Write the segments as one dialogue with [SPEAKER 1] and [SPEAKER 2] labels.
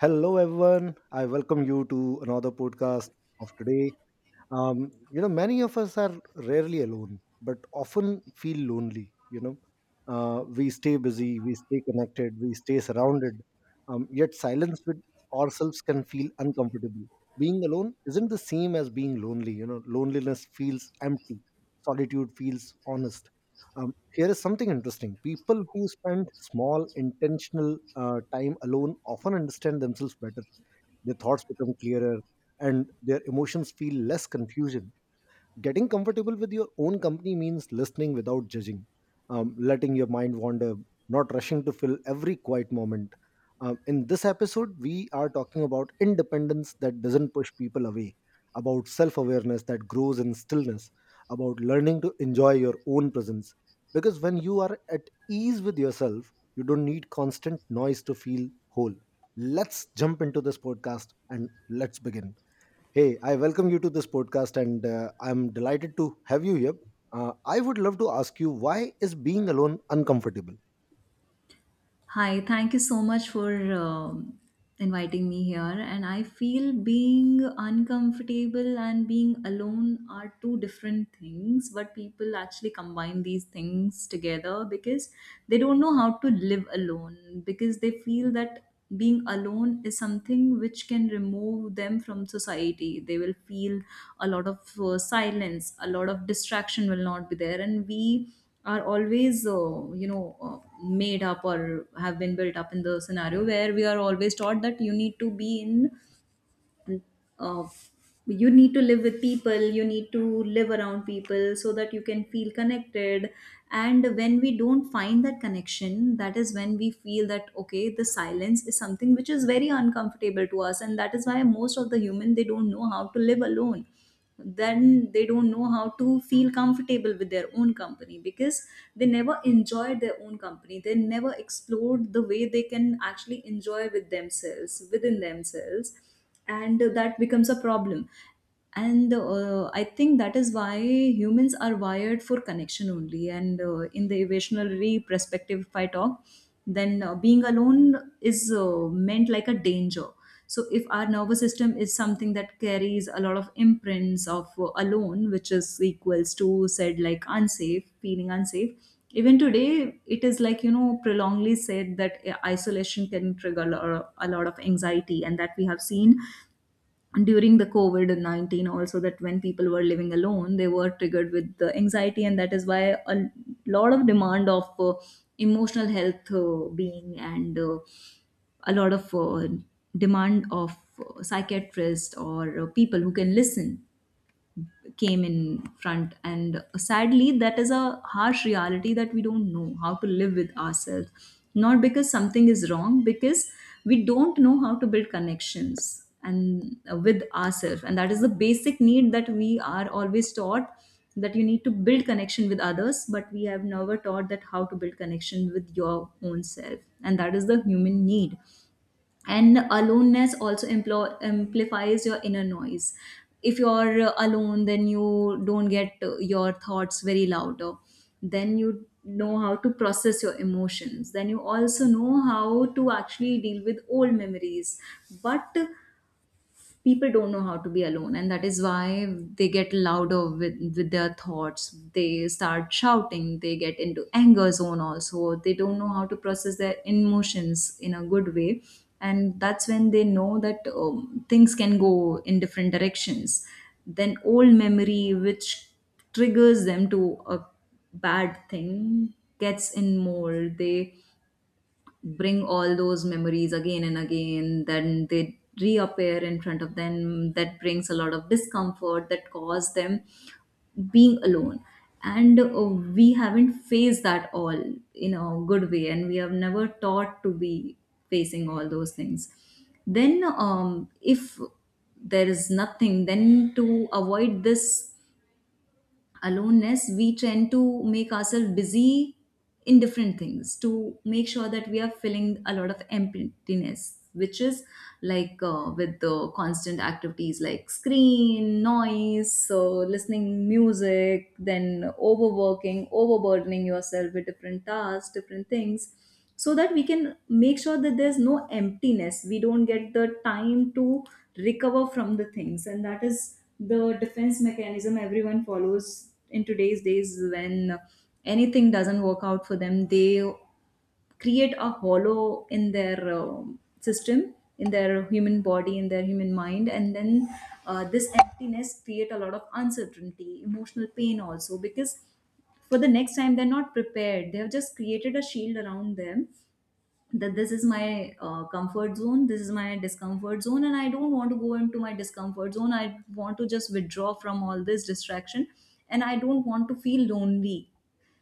[SPEAKER 1] Hello, everyone. I welcome you to another podcast of today. Many of us are rarely alone but often feel lonely. We stay busy, we stay connected, we stay surrounded. Yet silence with ourselves can feel uncomfortable. Being alone isn't the same as being lonely. Loneliness feels empty, solitude feels honest. Here is something interesting: people who spend small intentional time alone often understand themselves better. Their thoughts become clearer and their emotions feel less confusing. Getting comfortable with your own company means listening without judging, letting your mind wander, not rushing to fill every quiet moment. In this episode, we are talking about independence that doesn't push people away, about self awareness that grows in stillness, about learning to enjoy your own presence. Because when you are at ease with yourself, you don't need constant noise to feel whole. Let's jump into this podcast and let's begin. Hey, I welcome you to this podcast, and I'm delighted to have you here. I would love to ask you, why is being alone uncomfortable?
[SPEAKER 2] Hi, thank you so much for inviting me here. And I feel being uncomfortable and being alone are two different things, but people actually combine these things together because they don't know how to live alone, because they feel that being alone is something which can remove them from society. They will feel a lot of silence, a lot of distraction will not be there. And we are always made up or have been built up in the scenario where we are always taught that uh, you need to live with people, you need to live around people so that you can feel connected. And when we don't find that connection, that is when we feel that okay, the silence is something which is very uncomfortable to us, and that is why most of the human, they don't know how to live alone. Then they don't know how to feel comfortable with their own company, because they never enjoyed their own company, they never explored the way they can actually enjoy with themselves, within themselves, and that becomes a problem. And I think that is why humans are wired for connection only. And in the evolutionary perspective, if I talk, then being alone is meant like a danger. So if our nervous system is something that carries a lot of imprints of alone, which is equals to said like unsafe, feeling unsafe even today, it is like, prolongedly said that isolation can trigger a lot of anxiety, and that we have seen during the COVID COVID-19 also, that when people were living alone, they were triggered with the anxiety. And that is why a lot of demand of emotional health being, and a lot of demand of psychiatrists or people who can listen came in front. And sadly, that is a harsh reality that we don't know how to live with ourselves, not because something is wrong, because we don't know how to build connections and with ourselves, and that is the basic need that we are always taught, that you need to build connection with others, but we have never taught that how to build connection with your own self, and that is the human need. And aloneness also amplifies your inner noise. If you're alone, then you don't get your thoughts very louder, then you know how to process your emotions, then you also know how to actually deal with old memories. But people don't know how to be alone, and that is why they get louder with their thoughts, they start shouting, they get into anger zone also, they don't know how to process their emotions in a good way. And that's when they know that things can go in different directions. Then old memory which triggers them to a bad thing gets in more, they bring all those memories again and again, then they reappear in front of them, that brings a lot of discomfort that cause them being alone. And we haven't faced that all in a good way, and we have never taught to be facing all those things. Then if there is nothing, then to avoid this aloneness, we tend to make ourselves busy in different things to make sure that we are filling a lot of emptiness, which is like with the constant activities like screen, noise, so listening music, then overworking, overburdening yourself with different tasks, different things, so that we can make sure that there's no emptiness, we don't get the time to recover from the things. And that is the defense mechanism everyone follows in today's days. When anything doesn't work out for them, they create a hollow in their system, in their human body, in their human mind, and then this emptiness create a lot of uncertainty, emotional pain also, because for the next time they're not prepared, they have just created a shield around them that this is my comfort zone, this is my discomfort zone, and I don't want to go into my discomfort zone, I want to just withdraw from all this distraction, and I don't want to feel lonely,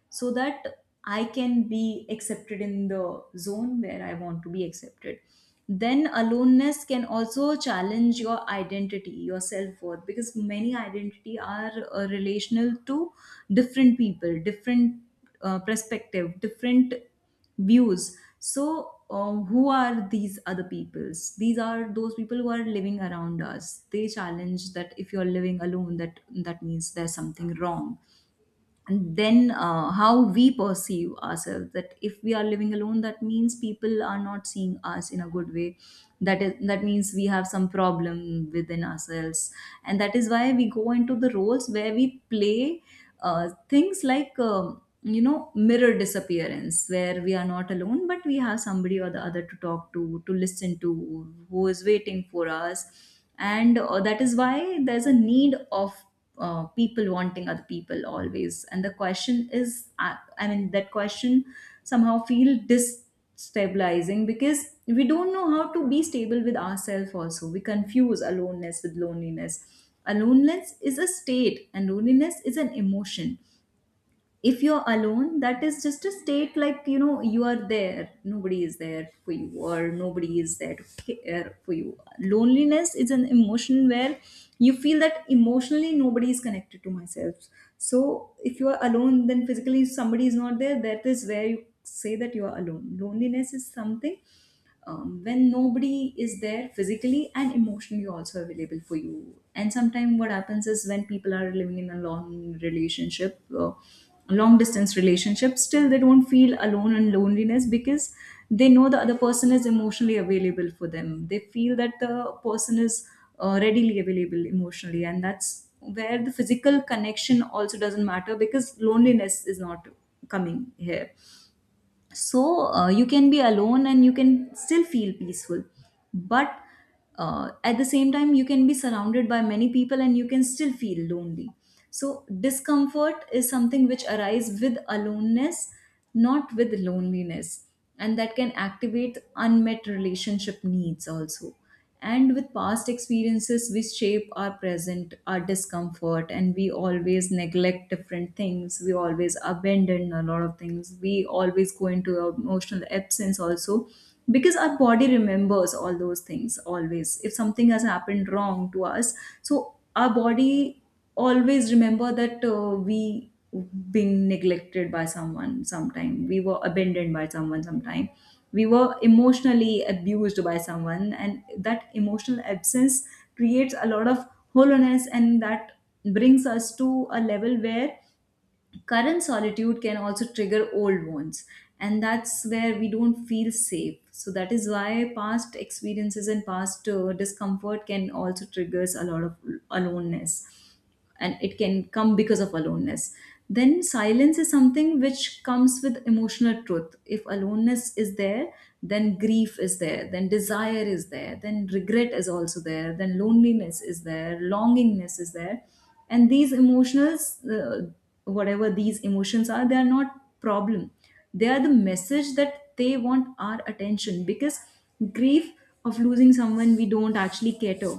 [SPEAKER 2] so that I can be accepted in the zone where I want to be accepted. Then aloneness can also challenge your identity, your self worth, because many identity are relational to different people, different perspective, different views. So, who are these other peoples? These are those people who are living around us. They challenge that if you're living alone, that means there's something wrong. And then how we perceive ourselves, that if we are living alone, that means people are not seeing us in a good way, that is, that means we have some problem within ourselves. And that is why we go into the roles where we play things like mirror disappearance, where we are not alone, but we have somebody or the other to talk to listen to, who is waiting for us. And that is why there's a need of people wanting other people always. And the question is I mean, that question somehow feel destabilizing, because we don't know how to be stable with ourselves. Also, we confuse aloneness with loneliness. Aloneness is a state and loneliness is an emotion. If you're alone, that is just a state, like you are there, nobody is there for you, or nobody is there to care for you. Loneliness is an emotion where you feel that emotionally nobody is connected to myself. So if you are alone, then physically somebody is not there, that is where you say that you are alone. Loneliness is something when nobody is there physically and emotionally also available for you. And sometimes what happens is when people are living in a long distance relationship, still they don't feel alone and loneliness, because they know the other person is emotionally available for them, they feel that the person is readily available emotionally, and that's where the physical connection also doesn't matter, because loneliness is not coming here. So you can be alone and you can still feel peaceful. But at the same time you can be surrounded by many people and you can still feel lonely. So discomfort is something which arises with aloneness, not with loneliness, and that can activate unmet relationship needs also. And with past experiences we shape our present, our discomfort, and we always neglect different things, we always abandon a lot of things, we always go into emotional absence also, because our body remembers all those things always. If something has happened wrong to us, so our body always remember that we being neglected by someone sometime, we were abandoned by someone sometime, we were emotionally abused by someone, and that emotional absence creates a lot of hollowness, and that brings us to a level where current solitude can also trigger old wounds, and that's where we don't feel safe. So that is why past experiences and past discomfort can also triggers a lot of aloneness, and it can come because of aloneness. Then silence is something which comes with emotional truth. If aloneness is there, then grief is there, then desire is there, then regret is also there, then loneliness is there, longingness is there. And these emotionals uh, whatever these emotions are, they are not problem, they are the message that they want our attention. Because grief of losing someone, we don't actually cater,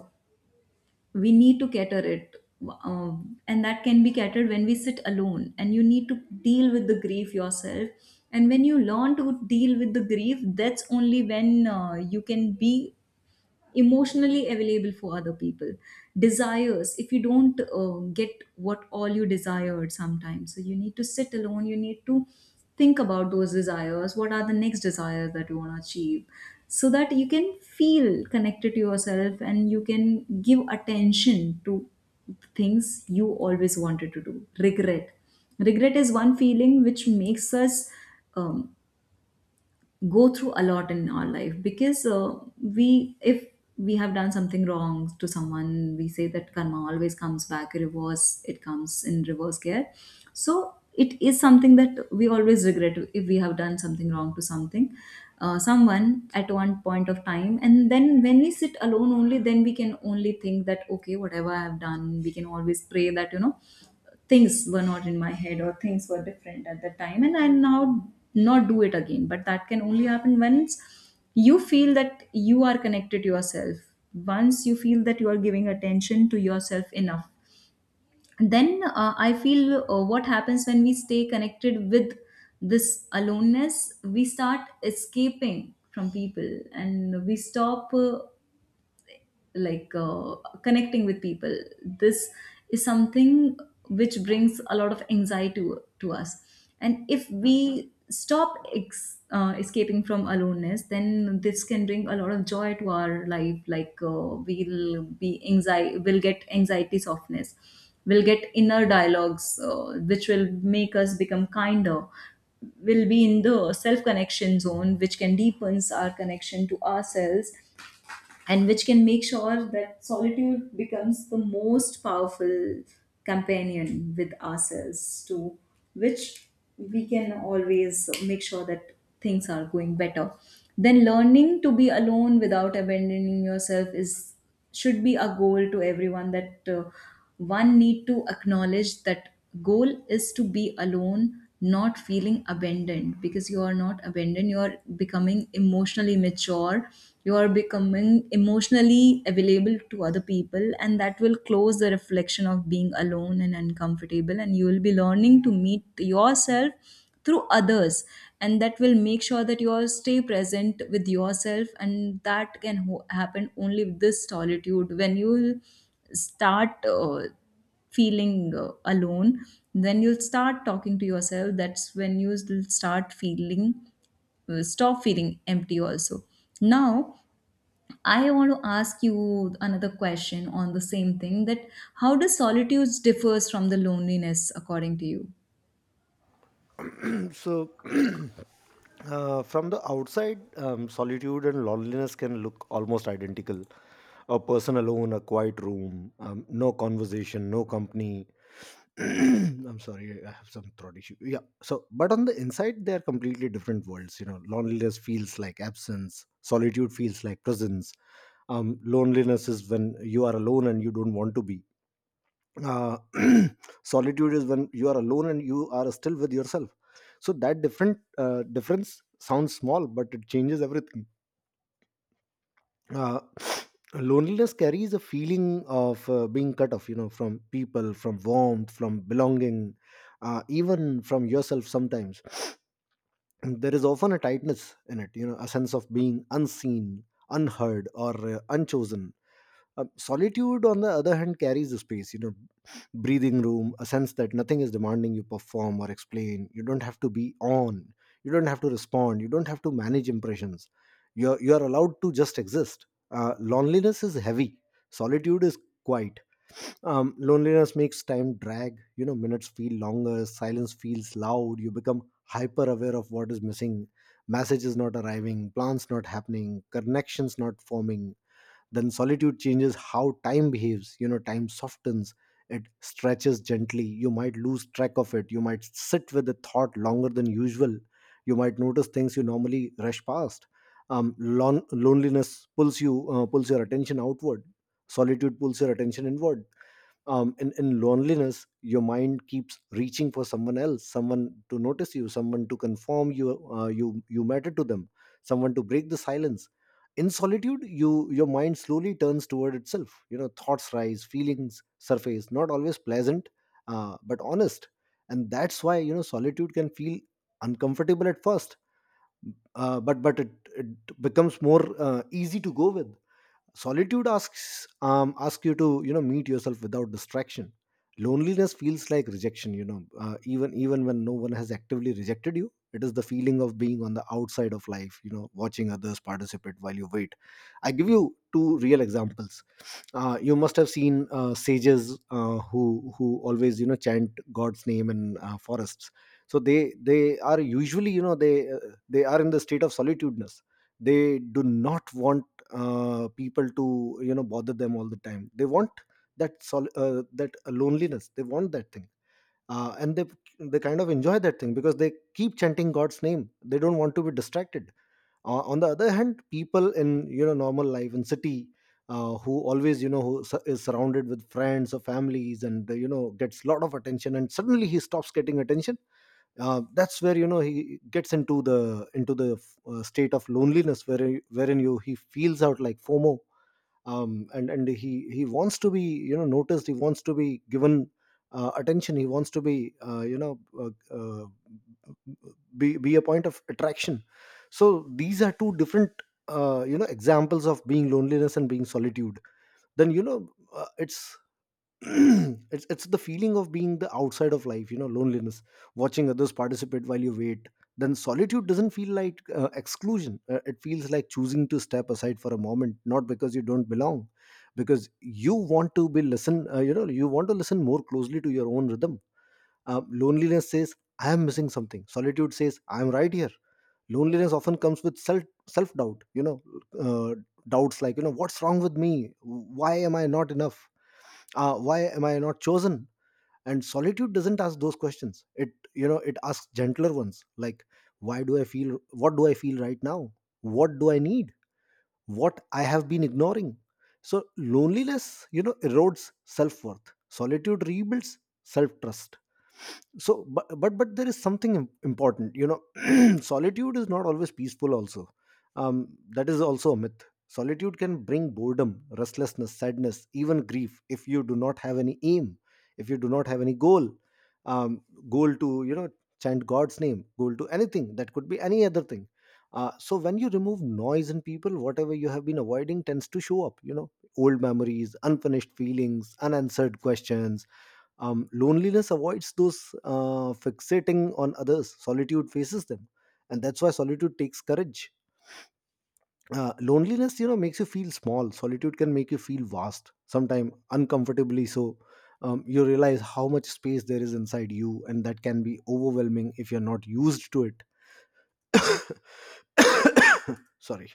[SPEAKER 2] we need to cater it. And that can be catered when we sit alone, and you need to deal with the grief yourself. And when you learn to deal with the grief, that's only when you can be emotionally available for other people. Desires, if you don't get what all you desired sometimes, so you need to sit alone, you need to think about those desires, what are the next desires that you want to achieve, so that you can feel connected to yourself and you can give attention to things you always wanted to do. Regret is one feeling which makes us um, go through a lot in our life, because we if we have done something wrong to someone, we say that karma always comes back reverse, it comes in reverse gear. So it is something that we always regret if we have done something wrong to something someone at one point of time. And then when we sit alone, only then we can only think that okay, whatever I have done, we can always pray that things were not in my head, or things were different at that time, and I now Not do it again, but that can only happen once you feel that you are connected to yourself. Once you feel that you are giving attention to yourself enough, then I feel what happens when we stay connected with this aloneness. We start escaping from people and we stop like connecting with people. This is something which brings a lot of anxiety to us. And if we stop escaping from aloneness, then this can bring a lot of joy to our life. We'll be anxiety, we'll get anxiety softness, we'll get inner dialogues which will make us become kinder, will be in the self connection zone which can deepens our connection to ourselves, and which can make sure that solitude becomes the most powerful companion with ourselves, to which we can always make sure that things are going better. Then learning to be alone without abandoning yourself is, should be a goal to everyone, that one need to acknowledge that goal is to be alone, not feeling abandoned, because you are not abandoned, you are becoming emotionally mature. You are becoming emotionally available to other people, and that will close the reflection of being alone and uncomfortable, and you will be learning to meet yourself through others. And that will make sure that you stay present with yourself, and that can happen only with this solitude. When you start feeling alone, then you'll start talking to yourself. That's when you will start feeling, stop feeling empty also. Now I want to ask you another question on the same thing, that how does solitude differs from the loneliness according to you?
[SPEAKER 1] so from the outside, solitude and loneliness can look almost identical: a person alone, a quiet room, no conversation, no company. I'm sorry, I have some throat issue. Yeah, so but on the inside they are completely different worlds. Loneliness feels like absence, solitude feels like presence. Loneliness is when you are alone and you don't want to be uh, Solitude is when you are alone and you are still with yourself. So that different difference sounds small, but it changes everything. uh, Loneliness carries a feeling of being cut off, from people, from warmth, from belonging, even from yourself sometimes. And there is often a tightness in it, a sense of being unseen, unheard, or unchosen. Solitude, on the other hand, carries a space, breathing room, a sense that nothing is demanding you perform or explain. You don't have to be on. You don't have to respond. You don't have to manage impressions. You're allowed to just exist. Loneliness is heavy. Solitude is quiet. Loneliness makes time drag. You know, minutes feel longer. Silence feels loud. You become hyper aware of what is missing. Messages not arriving. Plans not happening. Connections not forming. Then solitude changes how time behaves. You know, time softens, it stretches gently. You might lose track of it. You might sit with a thought longer than usual. You might notice things you normally rush past. Loneliness pulls your attention outward. Solitude pulls your attention inward. In loneliness, your mind keeps reaching for someone else, someone to notice you, someone to conform you, you matter to them, someone to break the silence. In solitude, your mind slowly turns toward itself. Thoughts rise, feelings surface, not always pleasant, but honest. And that's why, solitude can feel uncomfortable at first, but it becomes more easy to go with. Solitude asks you to, meet yourself without distraction. Loneliness feels like rejection. Even when no one has actively rejected you, it is the feeling of being on the outside of life, watching others participate while you wait. I give you two real examples. You must have seen sages, who always, chant god's name in forests. So they are usually, they are in the state of solitudeness. They do not want people to, bother them all the time. They want that loneliness, they want that thing. And they kind of enjoy that thing because they keep chanting god's name. They don't want to be distracted. On the other hand, people in, normal life in city, who always you know who su- is surrounded with friends or families and, gets a lot of attention, and suddenly he stops getting attention. That's where, he gets into the state of loneliness, where wherein you he feels out, like FOMO. And He wants to be, noticed, he wants to be given attention, he wants to be, be a point of attraction. So these are two different, examples of being loneliness and being solitude. Then you know it's It's the feeling of being the outside of life, loneliness, watching others participate while you wait. Then solitude doesn't feel like exclusion. It feels like choosing to step aside for a moment, not because you don't belong, because you want to be listen you know you want to listen more closely to your own rhythm. Loneliness says, I am missing something. Solitude says, I am right here. Loneliness often comes with self doubt. Uh, Doubts like, you know, what's wrong with me? Why am I not enough? Why am I not chosen? And solitude doesn't ask those questions. It, it asks gentler ones, like, why do I feel? What do I feel right now? What do I need? What I have been ignoring? So loneliness, you know, erodes self worth. Solitude rebuilds self trust. So but there is something important, you know. Solitude is not always peaceful also. That is also a myth. Solitude can bring boredom, restlessness, sadness, even grief if you do not have any aim, if you do not have any goal. um Goal to, you know, chant god's name, goal to anything, that could be any other thing. So when you remove noise and people, whatever you have been avoiding tends to show up, you know, old memories, unfinished feelings, unanswered questions. Loneliness avoids those, fixating on others. Solitude faces them, and that's why solitude takes courage. Loneliness, you know, makes you feel small. Solitude can make you feel vast, sometimes uncomfortably so. You realize how much space there is inside you, and that can be overwhelming if you're not used to it. Sorry.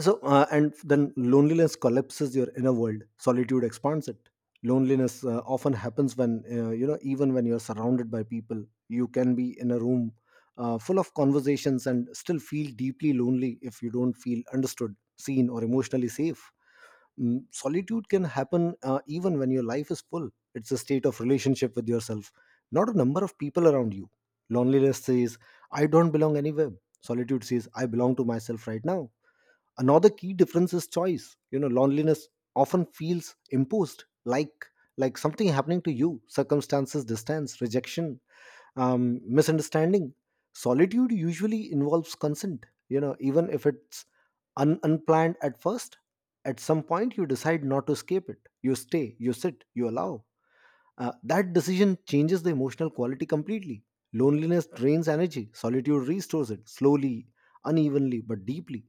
[SPEAKER 1] So and then Loneliness collapses your inner world, solitude expands it. Loneliness often happens when, even when you're surrounded by people. You can be in a room full of conversations and still feel deeply lonely if you don't feel understood, seen, or emotionally safe. Mm, solitude can happen even when your life is full. It's a state of relationship with yourself, not a number of people around you. Loneliness says, I don't belong anywhere. Solitude says, I belong to myself right now. Another key difference is choice. Loneliness often feels imposed, like something happening to you, circumstances, distance, rejection, misunderstanding. Solitude usually involves consent, you know, even if it's unplanned at first. At some point you decide not to escape it, you stay, you sit, you allow. That decision changes the emotional quality completely. Loneliness drains energy, solitude restores it, slowly, unevenly, but deeply.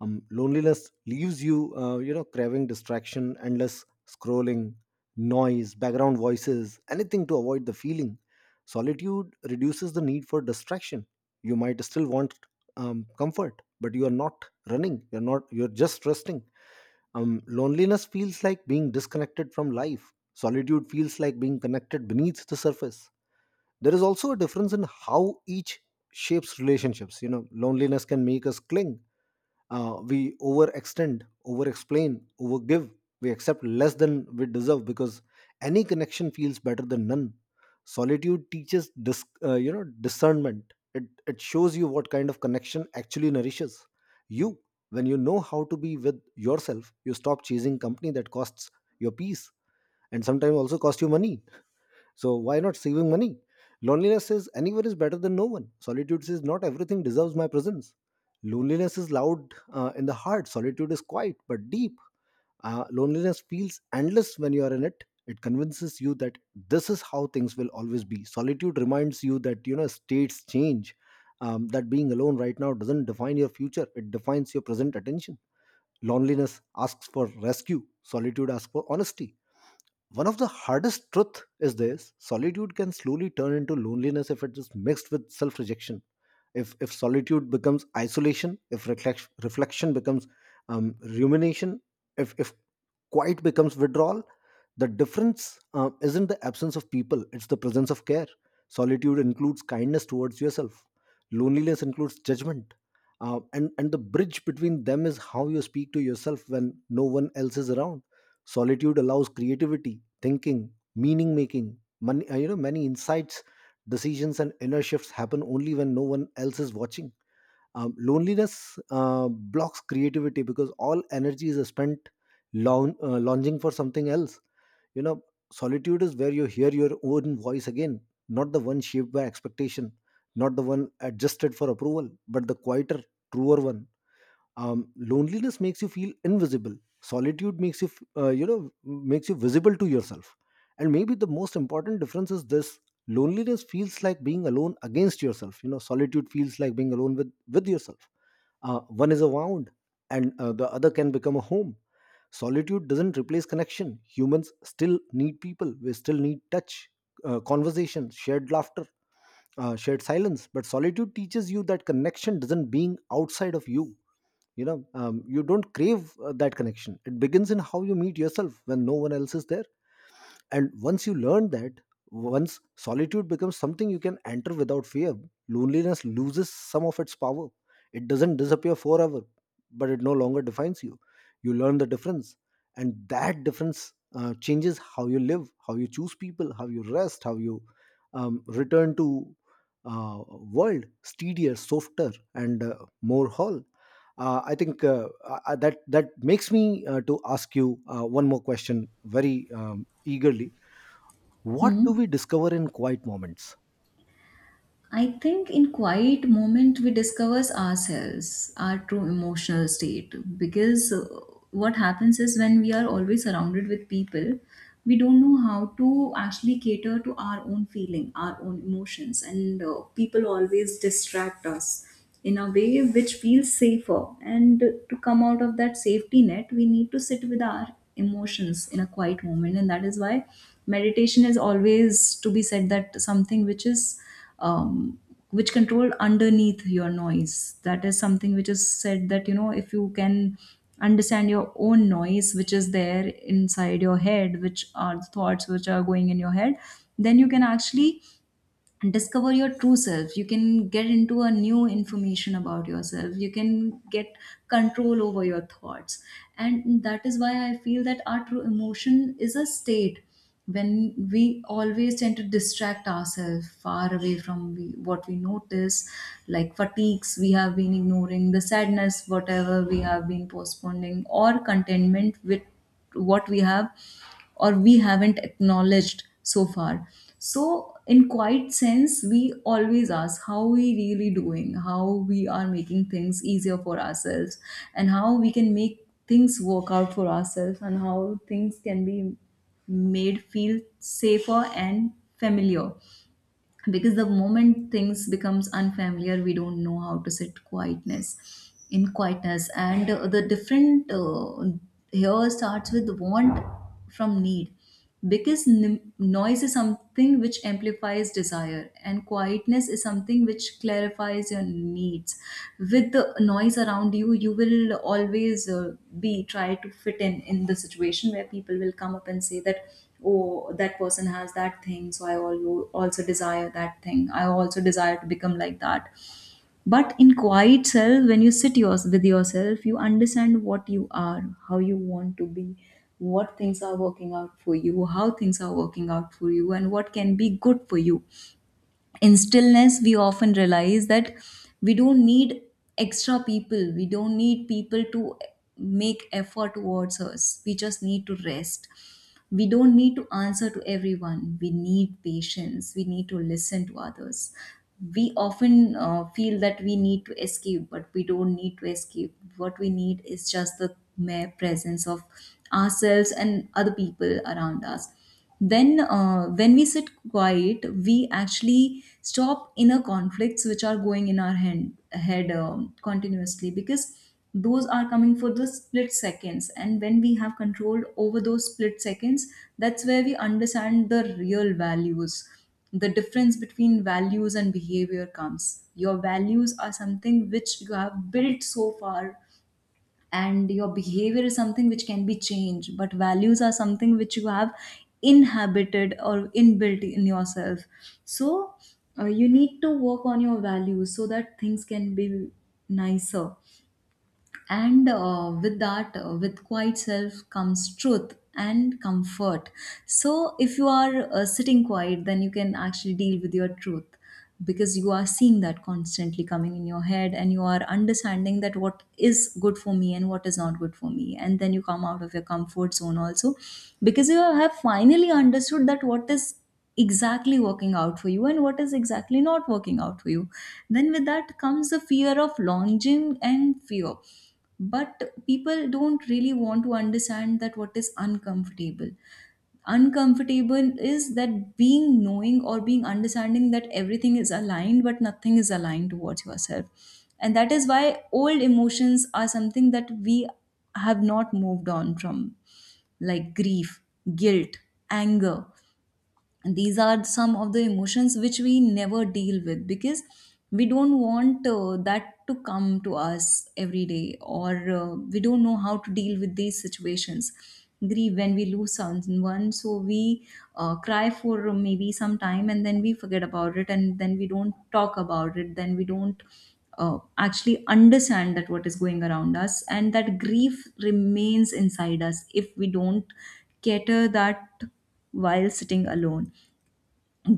[SPEAKER 1] Loneliness leaves you, you know craving distraction, endless scrolling, noise, background voices, anything to avoid the feeling. Solitude reduces the need for distraction. You might still want comfort, but you are not running, you're not you're just resting. Loneliness feels like being disconnected from life, solitude feels like being connected beneath the surface. There is also a difference in how each shapes relationships. Loneliness can make us cling. We overextend, overexplain, overgive. We accept less than we deserve because any connection feels better than none. Solitude teaches discernment. It shows you what kind of connection actually nourishes you. When you know how to be with yourself, you stop chasing company that costs your peace, and sometimes also cost you money. So why not saving money? Loneliness says, anywhere is better than no one. Solitude says, not everything deserves my presence. Loneliness is loud in the heart. Solitude is quiet but deep. Loneliness feels endless when you are in it. It convinces you that this is how things will always be. Solitude reminds you that, you know, states change. That being alone right now doesn't define your future. It defines your present attention. Loneliness asks for rescue. Solitude asks for honesty. One of the hardest truth is this: solitude can slowly turn into loneliness if it is mixed with self rejection. If solitude becomes isolation, if reflection becomes rumination, if quiet becomes withdrawal, the difference isn't the absence of people, it's the presence of care. Solitude includes kindness towards yourself, loneliness includes judgment. And The bridge between them is how you speak to yourself when no one else is around. Solitude allows creativity, thinking, meaning making, many, many insights, decisions, and inner shifts happen only when no one else is watching. Loneliness blocks creativity because all energy is spent longing for something else. You know, solitude is where you hear your own voice again, not the one shaped by expectation, not the one adjusted for approval, but the quieter, truer one. Loneliness makes you feel invisible, solitude makes you f- you know makes you visible to yourself. And maybe the most important difference is this: loneliness feels like being alone against yourself, solitude feels like being alone with yourself. One is a wound, and the other can become a home. Solitude doesn't replace connection. Humans still need people, we still need touch, conversation, shared laughter, shared silence. But solitude teaches you that connection doesn't being outside of you. You know You don't crave that connection, it begins in how you meet yourself when no one else is there. And once you learn that, once solitude becomes something you can enter without fear, loneliness loses some of its power. It doesn't disappear forever, but it no longer defines you. You learn the difference, and that difference changes how you live, how you choose people, how you rest, how you return to uh, world steadier, softer, and more whole. I think that makes me to ask you one more question, very eagerly. What do
[SPEAKER 2] Hmm.
[SPEAKER 1] we discover in quiet moments?
[SPEAKER 2] I think in quiet moment we discovers ourselves, our true emotional state. Because what happens is when we are always surrounded with people, we don't know how to actually cater to our own feeling, our own emotions, and people always distract us in a way which feels safer. And to come out of that safety net, we need to sit with our emotions in a quiet moment, and that is why meditation is always to be said that something which is, um, which control underneath your noise. That is something which is said that, you know, if you can understand your own noise, which is there inside your head, which are the thoughts which are going in your head, then you can actually discover your true self. You can get into a new information about yourself, you can get control over your thoughts. And that is why I feel that our true emotion is a state when we always tend to distract ourselves far away from we, what we notice, like fatigues we have been ignoring, the sadness whatever we have been postponing, or contentment with what we have, or we haven't acknowledged so far. So in quite sense we always ask how we really doing, how we are making things easier for ourselves, and how we can make things work out for ourselves, and how things can be made feel safer and familiar. Because the moment things becomes unfamiliar, we don't know how to sit quietness in quietness. And the different here starts with want from need, because noise is something which amplifies desire, and quietness is something which clarifies your needs. With the noise around you, you will always be try to fit in the situation where people will come up and say that, oh, that person has that thing, so also desire that thing, I also desire to become like that. But in quiet self, when you sit yours with yourself, you understand what you are, how you want to be, what things are working out for you, how things are working out for you, and what can be good for you. In stillness we often realize that we don't need extra people, we don't need people to make effort towards us, we just need to rest. We don't need to answer to everyone, we need patience, we need to listen to others. We often feel that we need to escape, but we don't need to escape. What we need is just the mere presence of ourselves and other people around us. Then when we sit quiet, we actually stop inner conflicts which are going in our hand, head, continuously, because those are coming for the split seconds, and when we have control over those split seconds, that's where we understand the real values. The difference between values and behavior comes, your values are something which you have built so far, and your behavior is something which can be changed, but values are something which you have inhabited or inbuilt in yourself. So you need to work on your values so that things can be nicer. And with that, with quiet self comes truth and comfort. So if you are sitting quiet, then you can actually deal with your truth, because you are seeing that constantly coming in your head, and you are understanding that what is good for me and what is not good for me, and then you come out of your comfort zone also, because you have finally understood that what is exactly working out for you and what is exactly not working out for you. Then with that comes the fear of launching and fear, but people don't really want to understand that what is uncomfortable. Uncomfortable is that being knowing or being understanding that everything is aligned, but nothing is aligned towards yourself. And that is why old emotions are something that we have not moved on from, like grief, guilt, anger. And these are some of the emotions which we never deal with, because we don't want that to come to us every day, or we don't know how to deal with these situations. Grieve when we lose someone, so we cry for maybe some time, and then we forget about it, and then we don't talk about it, then we don't actually understand that what is going around us, and that grief remains inside us if we don't cater that while sitting alone.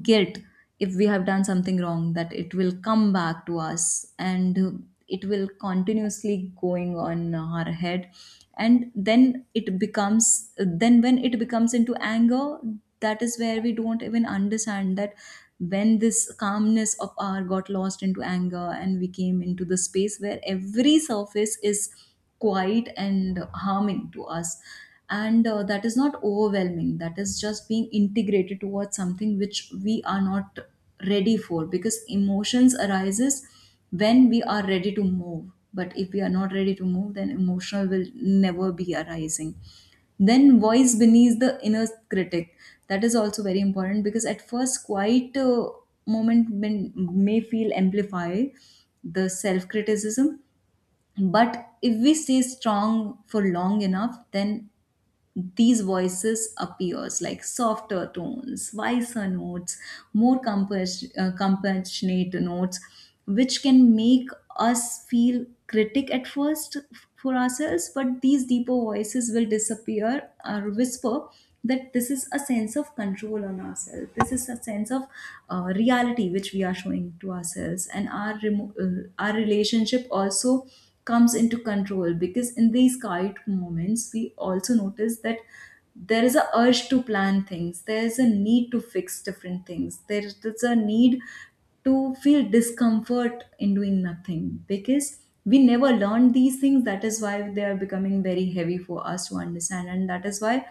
[SPEAKER 2] Guilt, if we have done something wrong, that it will come back to us, and it will continuously going on our head. And then it becomes, then when it becomes into anger, that is where we don't even understand that when this calmness of our got lost into anger, and we came into the space where every surface is quiet and harming to us. And that is not overwhelming, that is just being integrated towards something which we are not ready for, because emotions arises when we are ready to move. But if we are not ready to move, then emotional will never be arising. Then voice beneath the inner critic, that is also very important, because at first quite a moment may feel amplify the self criticism. But if we stay strong for long enough, then these voices appears like softer tones, wiser notes, more compassionate notes, which can make us feel critic at first for ourselves, but these deeper voices will disappear or whisper that this is a sense of control on ourselves. This is a sense of reality which we are showing to ourselves, and our our relationship also comes into control, because in these quiet moments we also notice that there is a urge to plan things, there is a need to fix different things, there is a need to feel discomfort in doing nothing, because we never learned these things. That is why they are becoming very heavy for us to understand, and that is why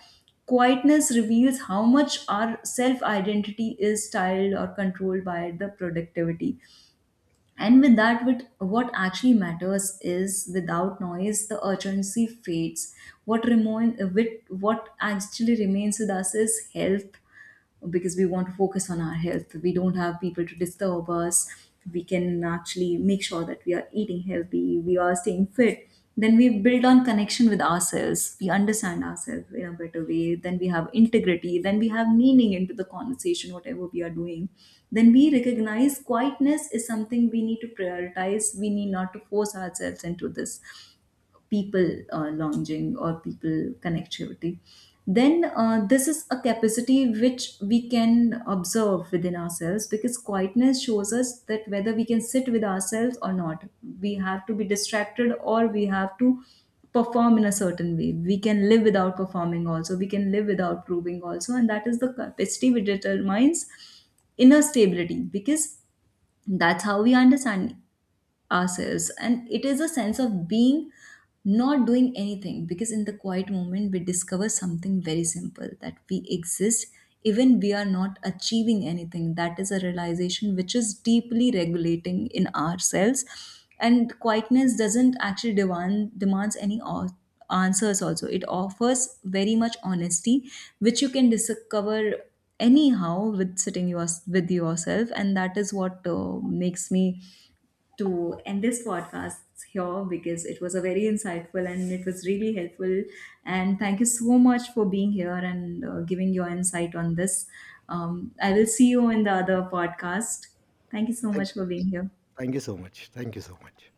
[SPEAKER 2] quietness reveals how much our self identity is styled or controlled by the productivity. And with that, with what actually matters is, without noise, the urgency fades. What remain, with what actually remains with us is health, because we want to focus on our health. We don't have people to disturb us. We can actually make sure that we are eating healthy, we are staying fit. Then we build on connection with ourselves, we understand ourselves in a better way, then we have integrity, then we have meaning into the conversation whatever we are doing. Then we recognize quietness is something we need to prioritize, we need not to force ourselves into this people lounging or people connectivity. Then this is a capacity which we can observe within ourselves, because quietness shows us that whether we can sit with ourselves or not, we have to be distracted, or we have to perform in a certain way. We can live without performing also, we can live without proving also, and that is the capacity which determines inner stability. Because that's how we understand ourselves, and it is a sense of being, not doing anything, because in the quiet moment we discover something very simple, that we exist. Even we are not achieving anything, that is a realization which is deeply regulating in ourselves. And quietness doesn't actually demand demands any answers also, it offers very much honesty, which you can discover anyhow with sitting yours with yourself. And that is what makes me to end this podcast here, because it was a very insightful and it was really helpful. And thank you so much for being here, and giving your insight on this. I will see you in the other podcast. Thank you so
[SPEAKER 1] Thank,
[SPEAKER 2] much for being here.
[SPEAKER 1] Thank you so much. Thank you so much.